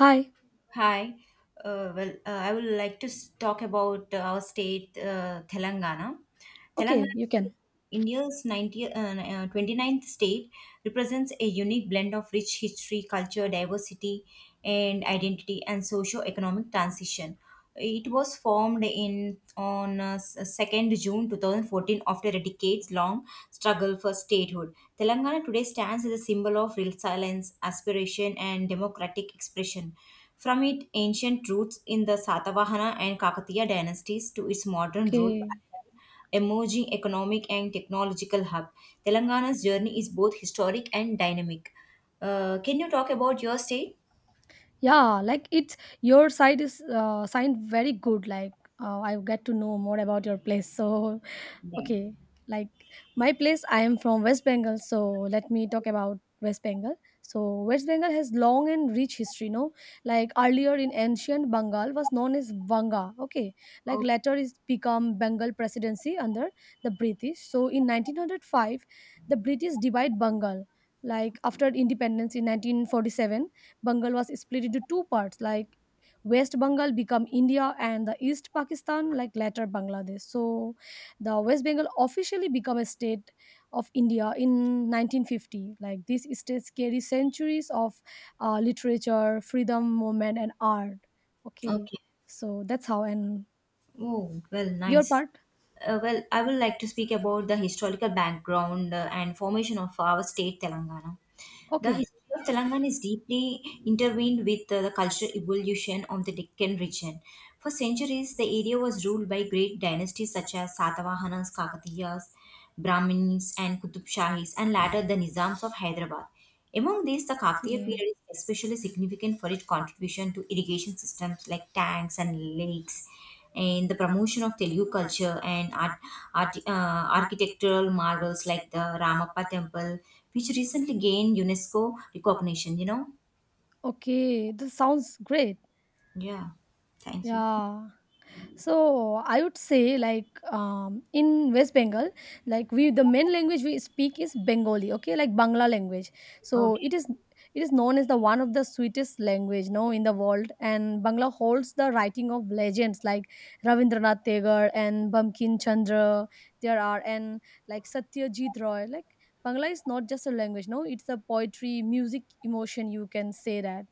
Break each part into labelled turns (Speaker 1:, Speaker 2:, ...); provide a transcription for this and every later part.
Speaker 1: Hi.
Speaker 2: Hi. Well, I would like to talk about our state, Telangana.
Speaker 1: Okay,
Speaker 2: Telangana,
Speaker 1: you can.
Speaker 2: India's 29th state, represents a unique blend of rich history, culture, diversity, and identity, and socio-economic transition. It was formed in on s- 2nd June 2014 after a decades-long struggle for statehood. Telangana today stands as a symbol of resilience, aspiration, and democratic expression. From its ancient roots in the Satavahana and Kakatiya dynasties to its modern role
Speaker 1: Okay.
Speaker 2: as an emerging economic and technological hub, Telangana's journey is both historic and dynamic. Can you talk about your state?
Speaker 1: Yeah, like it's your side is signed very good. Like I get to know more about your place. So.
Speaker 2: No.
Speaker 1: Okay, like my place, I am from West Bengal, so let me talk about West Bengal. So West Bengal has long and rich history, no? Like earlier in ancient Bengal was known as Vanga, okay? Like
Speaker 2: Okay.
Speaker 1: later is become Bengal Presidency under the British. So in 1905, the British divide Bengal. Like after independence in 1947, Bengal was split into two parts, like West Bengal become India and the East Pakistan, like later Bangladesh. So the West Bengal officially became a state of India in 1950. Like these states carry centuries of literature, freedom movement, and art. Okay.
Speaker 2: Okay.
Speaker 1: So that's how. And
Speaker 2: Oh, well,
Speaker 1: your
Speaker 2: nice.
Speaker 1: part.
Speaker 2: Well, I would like to speak about the historical background and formation of our state, Telangana. The
Speaker 1: Okay.
Speaker 2: history of Telangana is deeply intertwined with the cultural evolution of the Deccan region. For centuries, the area was ruled by great dynasties such as Satavahanas, Kakatiyas, Brahmins, and Qutub Shahis, and later the Nizams of Hyderabad. Among these, the Kaktiya
Speaker 1: Okay.
Speaker 2: period is especially significant for its contribution to irrigation systems like tanks and lakes, and the promotion of Telugu culture and art, architectural marvels like the Ramappa Temple, which recently gained UNESCO recognition. You know,
Speaker 1: Okay, this sounds great.
Speaker 2: yeah. Thank you.
Speaker 1: Yeah. So I would say, like, in West Bengal, like we the main language we speak is Bengali, okay, like Bangla language. So
Speaker 2: Okay.
Speaker 1: it is known as the one of the sweetest language, no, in the world, and Bangla holds the writing of legends like Ravindranath Tagore and Bumkin Chandra. There are, and like Satyajit Roy, like Bangla is not just a language, no, it's a poetry, music, emotion, you can say that.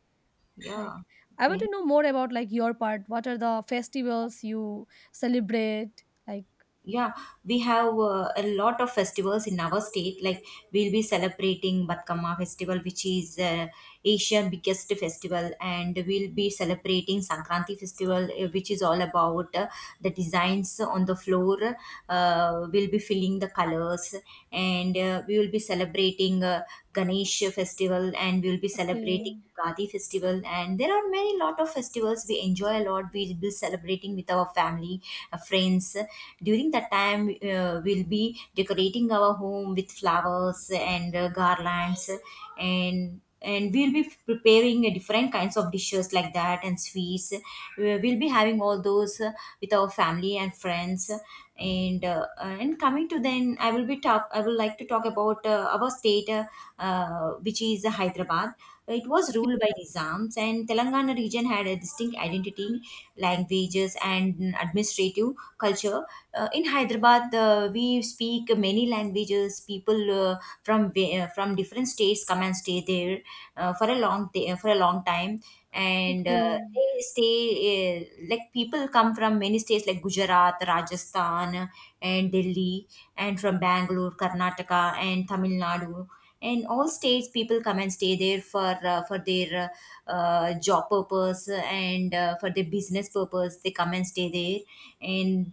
Speaker 1: Like,
Speaker 2: Yeah.
Speaker 1: I want
Speaker 2: Okay.
Speaker 1: to know more about like your part. What are the festivals you celebrate? Like,
Speaker 2: Yeah, we have a lot of festivals in our state. Like we'll be celebrating Batkama festival, which is Asian biggest festival, and we'll be celebrating Sankranti festival, which is all about the designs on the floor. We'll be filling the colors, and we will be celebrating Ganesh festival, and we'll be celebrating
Speaker 1: okay.
Speaker 2: Ugadi festival, and there are many lot of festivals we enjoy a lot. We'll be celebrating with our family, friends. During that time, we'll be decorating our home with flowers and garlands, and we'll be preparing different kinds of dishes like that and sweets. We'll be having all those with our family and friends. And coming to then, I will be talk. I will like to talk about our state, which is Hyderabad. It was
Speaker 1: Okay.
Speaker 2: ruled by Nizams, and Telangana region had a distinct identity, languages, and administrative culture. In Hyderabad, we speak many languages. People from different states come and stay there for a long day, for a long time, and
Speaker 1: Okay.
Speaker 2: they stay like people come from many states like Gujarat, Rajasthan, and Delhi, and from Bangalore, Karnataka, and Tamil Nadu. In all states people come and stay there for their job purpose, and for their business purpose they come and stay there. And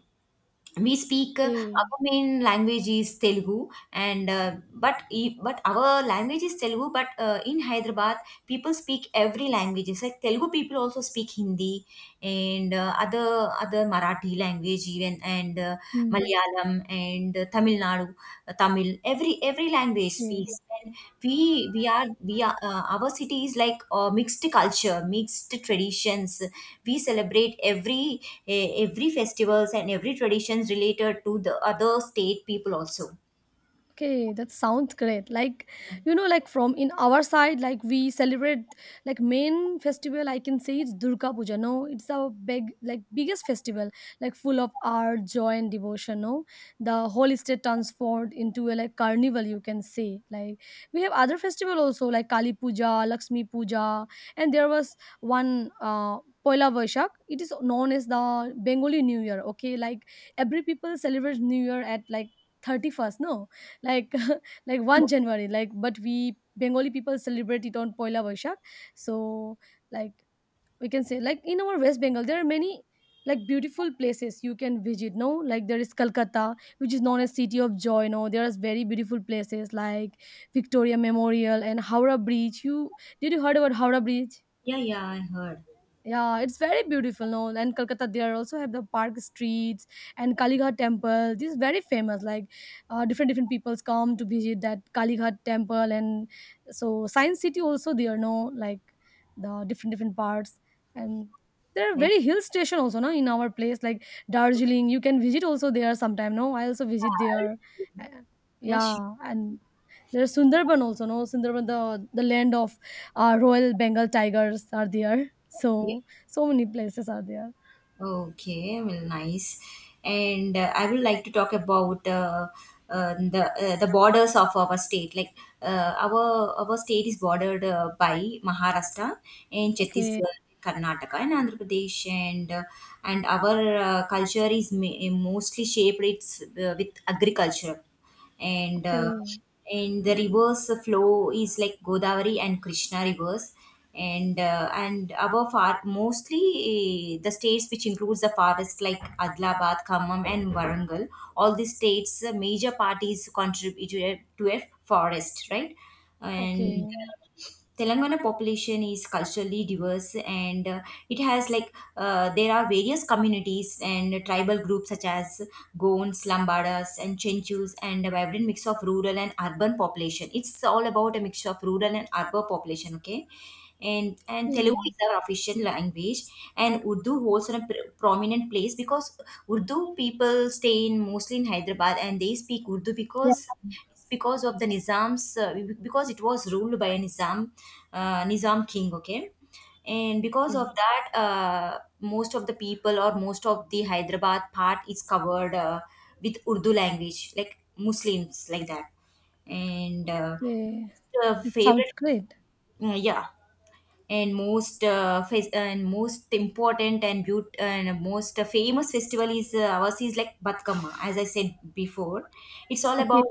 Speaker 2: we speak
Speaker 1: Okay.
Speaker 2: our main language is Telugu, and but our language is Telugu, but in Hyderabad people speak every languages like Telugu people also speak Hindi, and other Marathi language even, and
Speaker 1: Hmm.
Speaker 2: Malayalam, and Tamil Nadu, Tamil, every language speaks.
Speaker 1: Okay.
Speaker 2: And we we are our city is like a mixed culture, mixed traditions. We celebrate every every festivals and every traditions related to the other state people also.
Speaker 1: Okay, that sounds great. Like, like from in our side, like we celebrate like main festival. I can say it's Durga Puja. No, it's our big like biggest festival, like full of art, joy, and devotion. No, the whole state transformed into a like carnival. You can say, like, we have other festival also like Kali Puja, Lakshmi Puja, and there was one. Poila Vaishak, it is known as the Bengali New Year. Okay, like every people celebrates New Year at like 31st. No, like like 1 January, like but we Bengali people celebrate it on Poila Boishak. So, like, we can say, like, in our West Bengal there are many like beautiful places you can visit, no? Like there is Kolkata, which is known as city of joy, no? There are very beautiful places like Victoria Memorial and Howrah Bridge. You Did you heard about Howrah Bridge?
Speaker 2: Yeah, yeah, I heard.
Speaker 1: Yeah, it's very beautiful, no? And Kolkata, there also have the park streets and Kalighat temple. This is very famous. Like, different different peoples come to visit that Kalighat temple, and so Science City also there, no? Like the different different parts, and there are
Speaker 2: Right.
Speaker 1: very hill station also, no? In our place, like Darjeeling, you can visit also there sometime, no? I also visit there. Uh,
Speaker 2: Yeah, sure.
Speaker 1: yeah, and there's Sundarban also, no? Sundarban, the land of Royal Bengal tigers are there.
Speaker 2: Yeah.
Speaker 1: So, so many places are there.
Speaker 2: Okay, well, nice. And I would like to talk about the borders of our state, like uh, our our state is bordered by Maharashtra and
Speaker 1: Okay,
Speaker 2: Chhattisgarh, Karnataka, and Andhra Pradesh. And our culture is mostly shaped, it's, with agriculture. and uh,
Speaker 1: okay,
Speaker 2: and the rivers flow is like Godavari and Krishna rivers. And above far mostly the states which includes the forest like Adilabad, Khammam, and Warangal. All these states major parties contribute to a forest, right. And
Speaker 1: okay,
Speaker 2: Telangana population is culturally diverse, and it has like there are various communities and tribal groups such as Gons, Lambadas, and Chenchus, and a vibrant mix of rural and urban population. It's all about a mixture of rural and urban population, okay? And Telugu
Speaker 1: okay.
Speaker 2: is our official language, and Urdu holds a prominent place because Urdu people stay in mostly in Hyderabad and they speak Urdu
Speaker 1: Yeah,
Speaker 2: because of the Nizam's, because it was ruled by a Nizam, Nizam king, okay. And because of
Speaker 1: okay,
Speaker 2: that most of the people or most of the Hyderabad part is covered with Urdu language, like Muslims, like that. And
Speaker 1: okay.
Speaker 2: the
Speaker 1: It sounds
Speaker 2: favorite,
Speaker 1: great.
Speaker 2: yeah. And most and most important and most famous festival is ours is like Batkama, as I said before. It's all
Speaker 1: Okay,
Speaker 2: about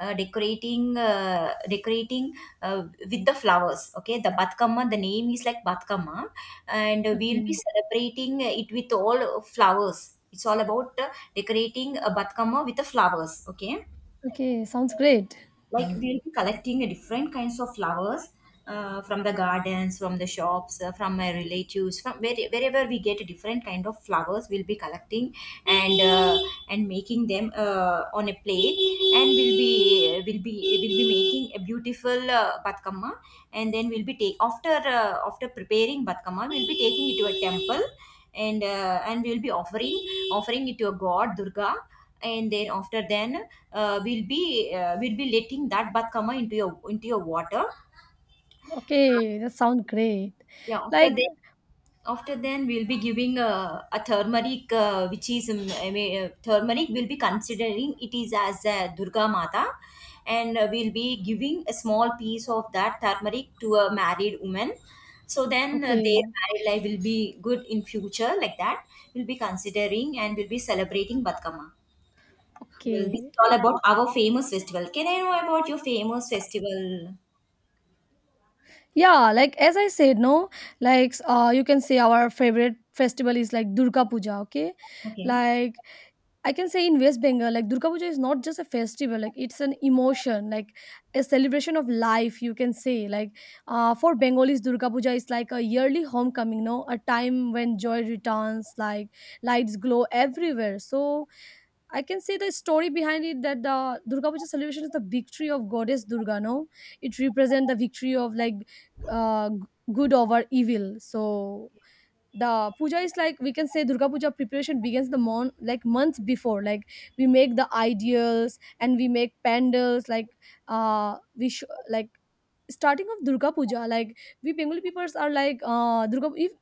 Speaker 2: decorating with the flowers, okay. The Batkama, the name is like Batkama, and we'll be
Speaker 1: okay,
Speaker 2: celebrating it with all flowers. It's all about decorating a Batkama with the flowers, okay.
Speaker 1: okay. Sounds great.
Speaker 2: Like we'll be collecting a different kinds of flowers from the gardens, from the shops, from my relatives, from where, wherever we get a different kind of flowers, we'll be collecting. And uh, and making them on a plate, and we'll be will be making a beautiful batkamma. And then we'll be take after after preparing batkamma we'll be taking it to a temple. And we'll be offering it to a god Durga. And then after then we'll be letting that batkama into your water.
Speaker 1: Okay, that sounds great.
Speaker 2: Yeah, after
Speaker 1: Like,
Speaker 2: that. After then, we'll be giving a turmeric, which is I mean, turmeric. We'll be considering it is as a Durga Mata, and we'll be giving a small piece of that turmeric to a married woman. So then, their
Speaker 1: okay,
Speaker 2: married life will be good in future. Like that, we'll be considering and we'll be celebrating Batkama. Well, this
Speaker 1: okay.
Speaker 2: is all
Speaker 1: Like,
Speaker 2: about our famous festival. Can I know about your famous festival?
Speaker 1: yeah, like as I said, no, like, you can say our favorite festival is like Durga Puja. Okay,
Speaker 2: Okay.
Speaker 1: like I can say in West Bengal, like Durga Puja is not just a festival, like it's an emotion, like a celebration of life, you can say. Like for Bengalis, Durga Puja is like a yearly homecoming, no? A time when joy returns, like lights glow everywhere. So I can say the story behind it that the Durga Puja celebration is the victory of goddess Durga, no? It represents the victory of like uh, g- good over evil. So the puja is like we can say Durga Puja preparation begins the month like months before, like we make the ideals and we make pandals, like uh we sh- like starting of Durga Puja, like we Bengali peoples are like Durga. If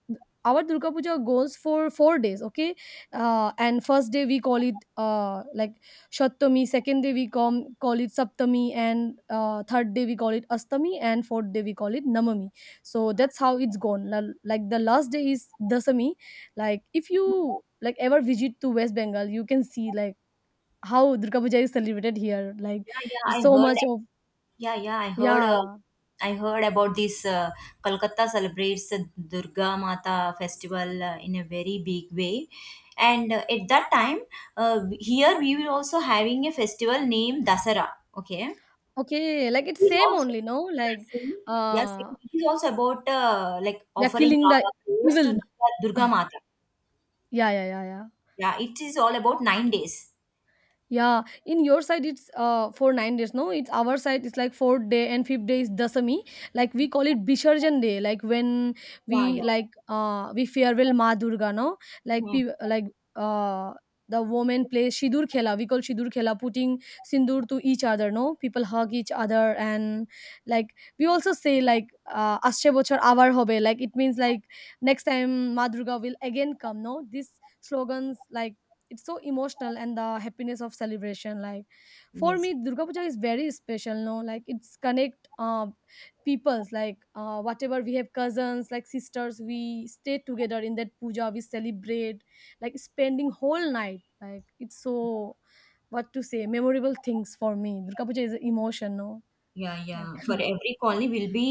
Speaker 1: our Durga Puja goes for 4 days, okay, and first day we call it like Shatami, second day we call it Saptami, and third day we call it Astami, and fourth day we call it Namami. So that's how it's gone. Like the last day is Dasami. Like if you like ever visit to West Bengal, you can see like how Durga Puja is celebrated here. Like
Speaker 2: Yeah, yeah,
Speaker 1: it's
Speaker 2: I
Speaker 1: so
Speaker 2: heard,
Speaker 1: much
Speaker 2: like.
Speaker 1: of.
Speaker 2: Yeah, yeah, I heard.
Speaker 1: Yeah.
Speaker 2: I heard about this. Kolkata celebrates the Durga Mata festival in a very big way, and at that time, uh, here we were also having a festival named Dasara. Okay, it
Speaker 1: Okay, like it's
Speaker 2: is
Speaker 1: same
Speaker 2: also,
Speaker 1: only, no?
Speaker 2: yes,
Speaker 1: Like,
Speaker 2: yes, same.
Speaker 1: uh,
Speaker 2: It is also about like
Speaker 1: they're
Speaker 2: offering
Speaker 1: killing the
Speaker 2: our prayers to
Speaker 1: evil.
Speaker 2: Durga Durga Mata.
Speaker 1: Yeah, yeah, yeah, yeah.
Speaker 2: Yeah, it is all about 9 days.
Speaker 1: Yeah, in your side it's for 9 days. No, it's our side. It's like fourth day and fifth day is Dasami. Like we call it Bisharjan day. Like when
Speaker 2: Yeah,
Speaker 1: we
Speaker 2: yeah.
Speaker 1: like we farewell Ma Durga. No, like
Speaker 2: Hmm.
Speaker 1: like uh the woman plays Shidur Khela. We call Shidur Khela, putting sindur to each other. No, people hug each other, and like we also say like Asche Bochor Avar Hobe. Like it means like next time Ma Durga will again come. No, these slogans, like, it's so emotional and the happiness of celebration, like for
Speaker 2: Yes,
Speaker 1: me Durga Puja is very special, no, like it's connect peoples, like whatever we have cousins like sisters, we stay together in that puja, we celebrate like spending whole night, like it's so what to say memorable things, for me Durga Puja is emotion, no.
Speaker 2: yeah, yeah.
Speaker 1: Like
Speaker 2: For every colony, we'll be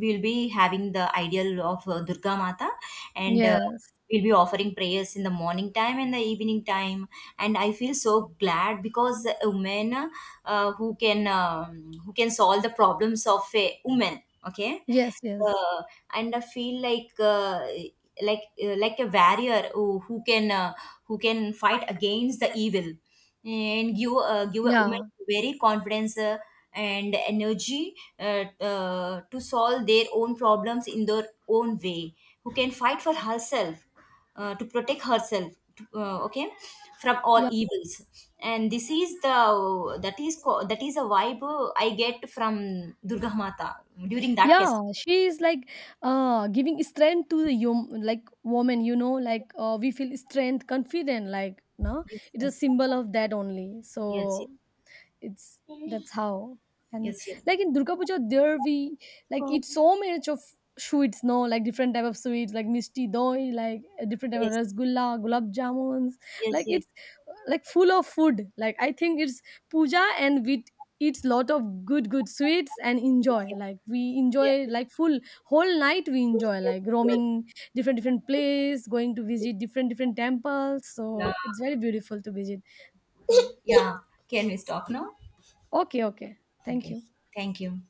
Speaker 2: we'll, we'll be having the ideal of Durga Mata, and
Speaker 1: yes,
Speaker 2: we'll be offering prayers in the morning time and the evening time. And I feel so glad because a woman who can solve the problems of a woman. Okay,
Speaker 1: yes. Yes.
Speaker 2: uh, and I feel like like a warrior who can fight against the evil, and give a woman
Speaker 1: Yeah,
Speaker 2: very confidence and energy to solve their own problems in their own way, who can fight for herself, to protect herself to, okay, from all evils. And this is the that is co- that is a vibe I get from Durga Mata during that festival.
Speaker 1: yeah, she is like giving strength to the like woman, you know, like we feel strength, confident, like, no,
Speaker 2: Yes,
Speaker 1: it's a
Speaker 2: yes,
Speaker 1: symbol of that only.
Speaker 2: yes,
Speaker 1: So it's that's how. And,
Speaker 2: yes, yes,
Speaker 1: like, in Durga Puja there we like eat so much of sweets, no, like different type of sweets like misti doi, like different type of
Speaker 2: yes, yes,
Speaker 1: rasgulla, gulab jamuns,
Speaker 2: yes,
Speaker 1: like
Speaker 2: yes,
Speaker 1: it's like full of food, like I think it's puja and we eats lot of good good sweets and enjoy,
Speaker 2: yes.
Speaker 1: like we enjoy like full whole night we enjoy like roaming different different place, going to visit different different temples,
Speaker 2: Yeah,
Speaker 1: so it's very beautiful to visit. Oh.
Speaker 2: yeah. Can we stop now?
Speaker 1: Okay, okay, thank
Speaker 2: Okay.
Speaker 1: you.
Speaker 2: Thank you.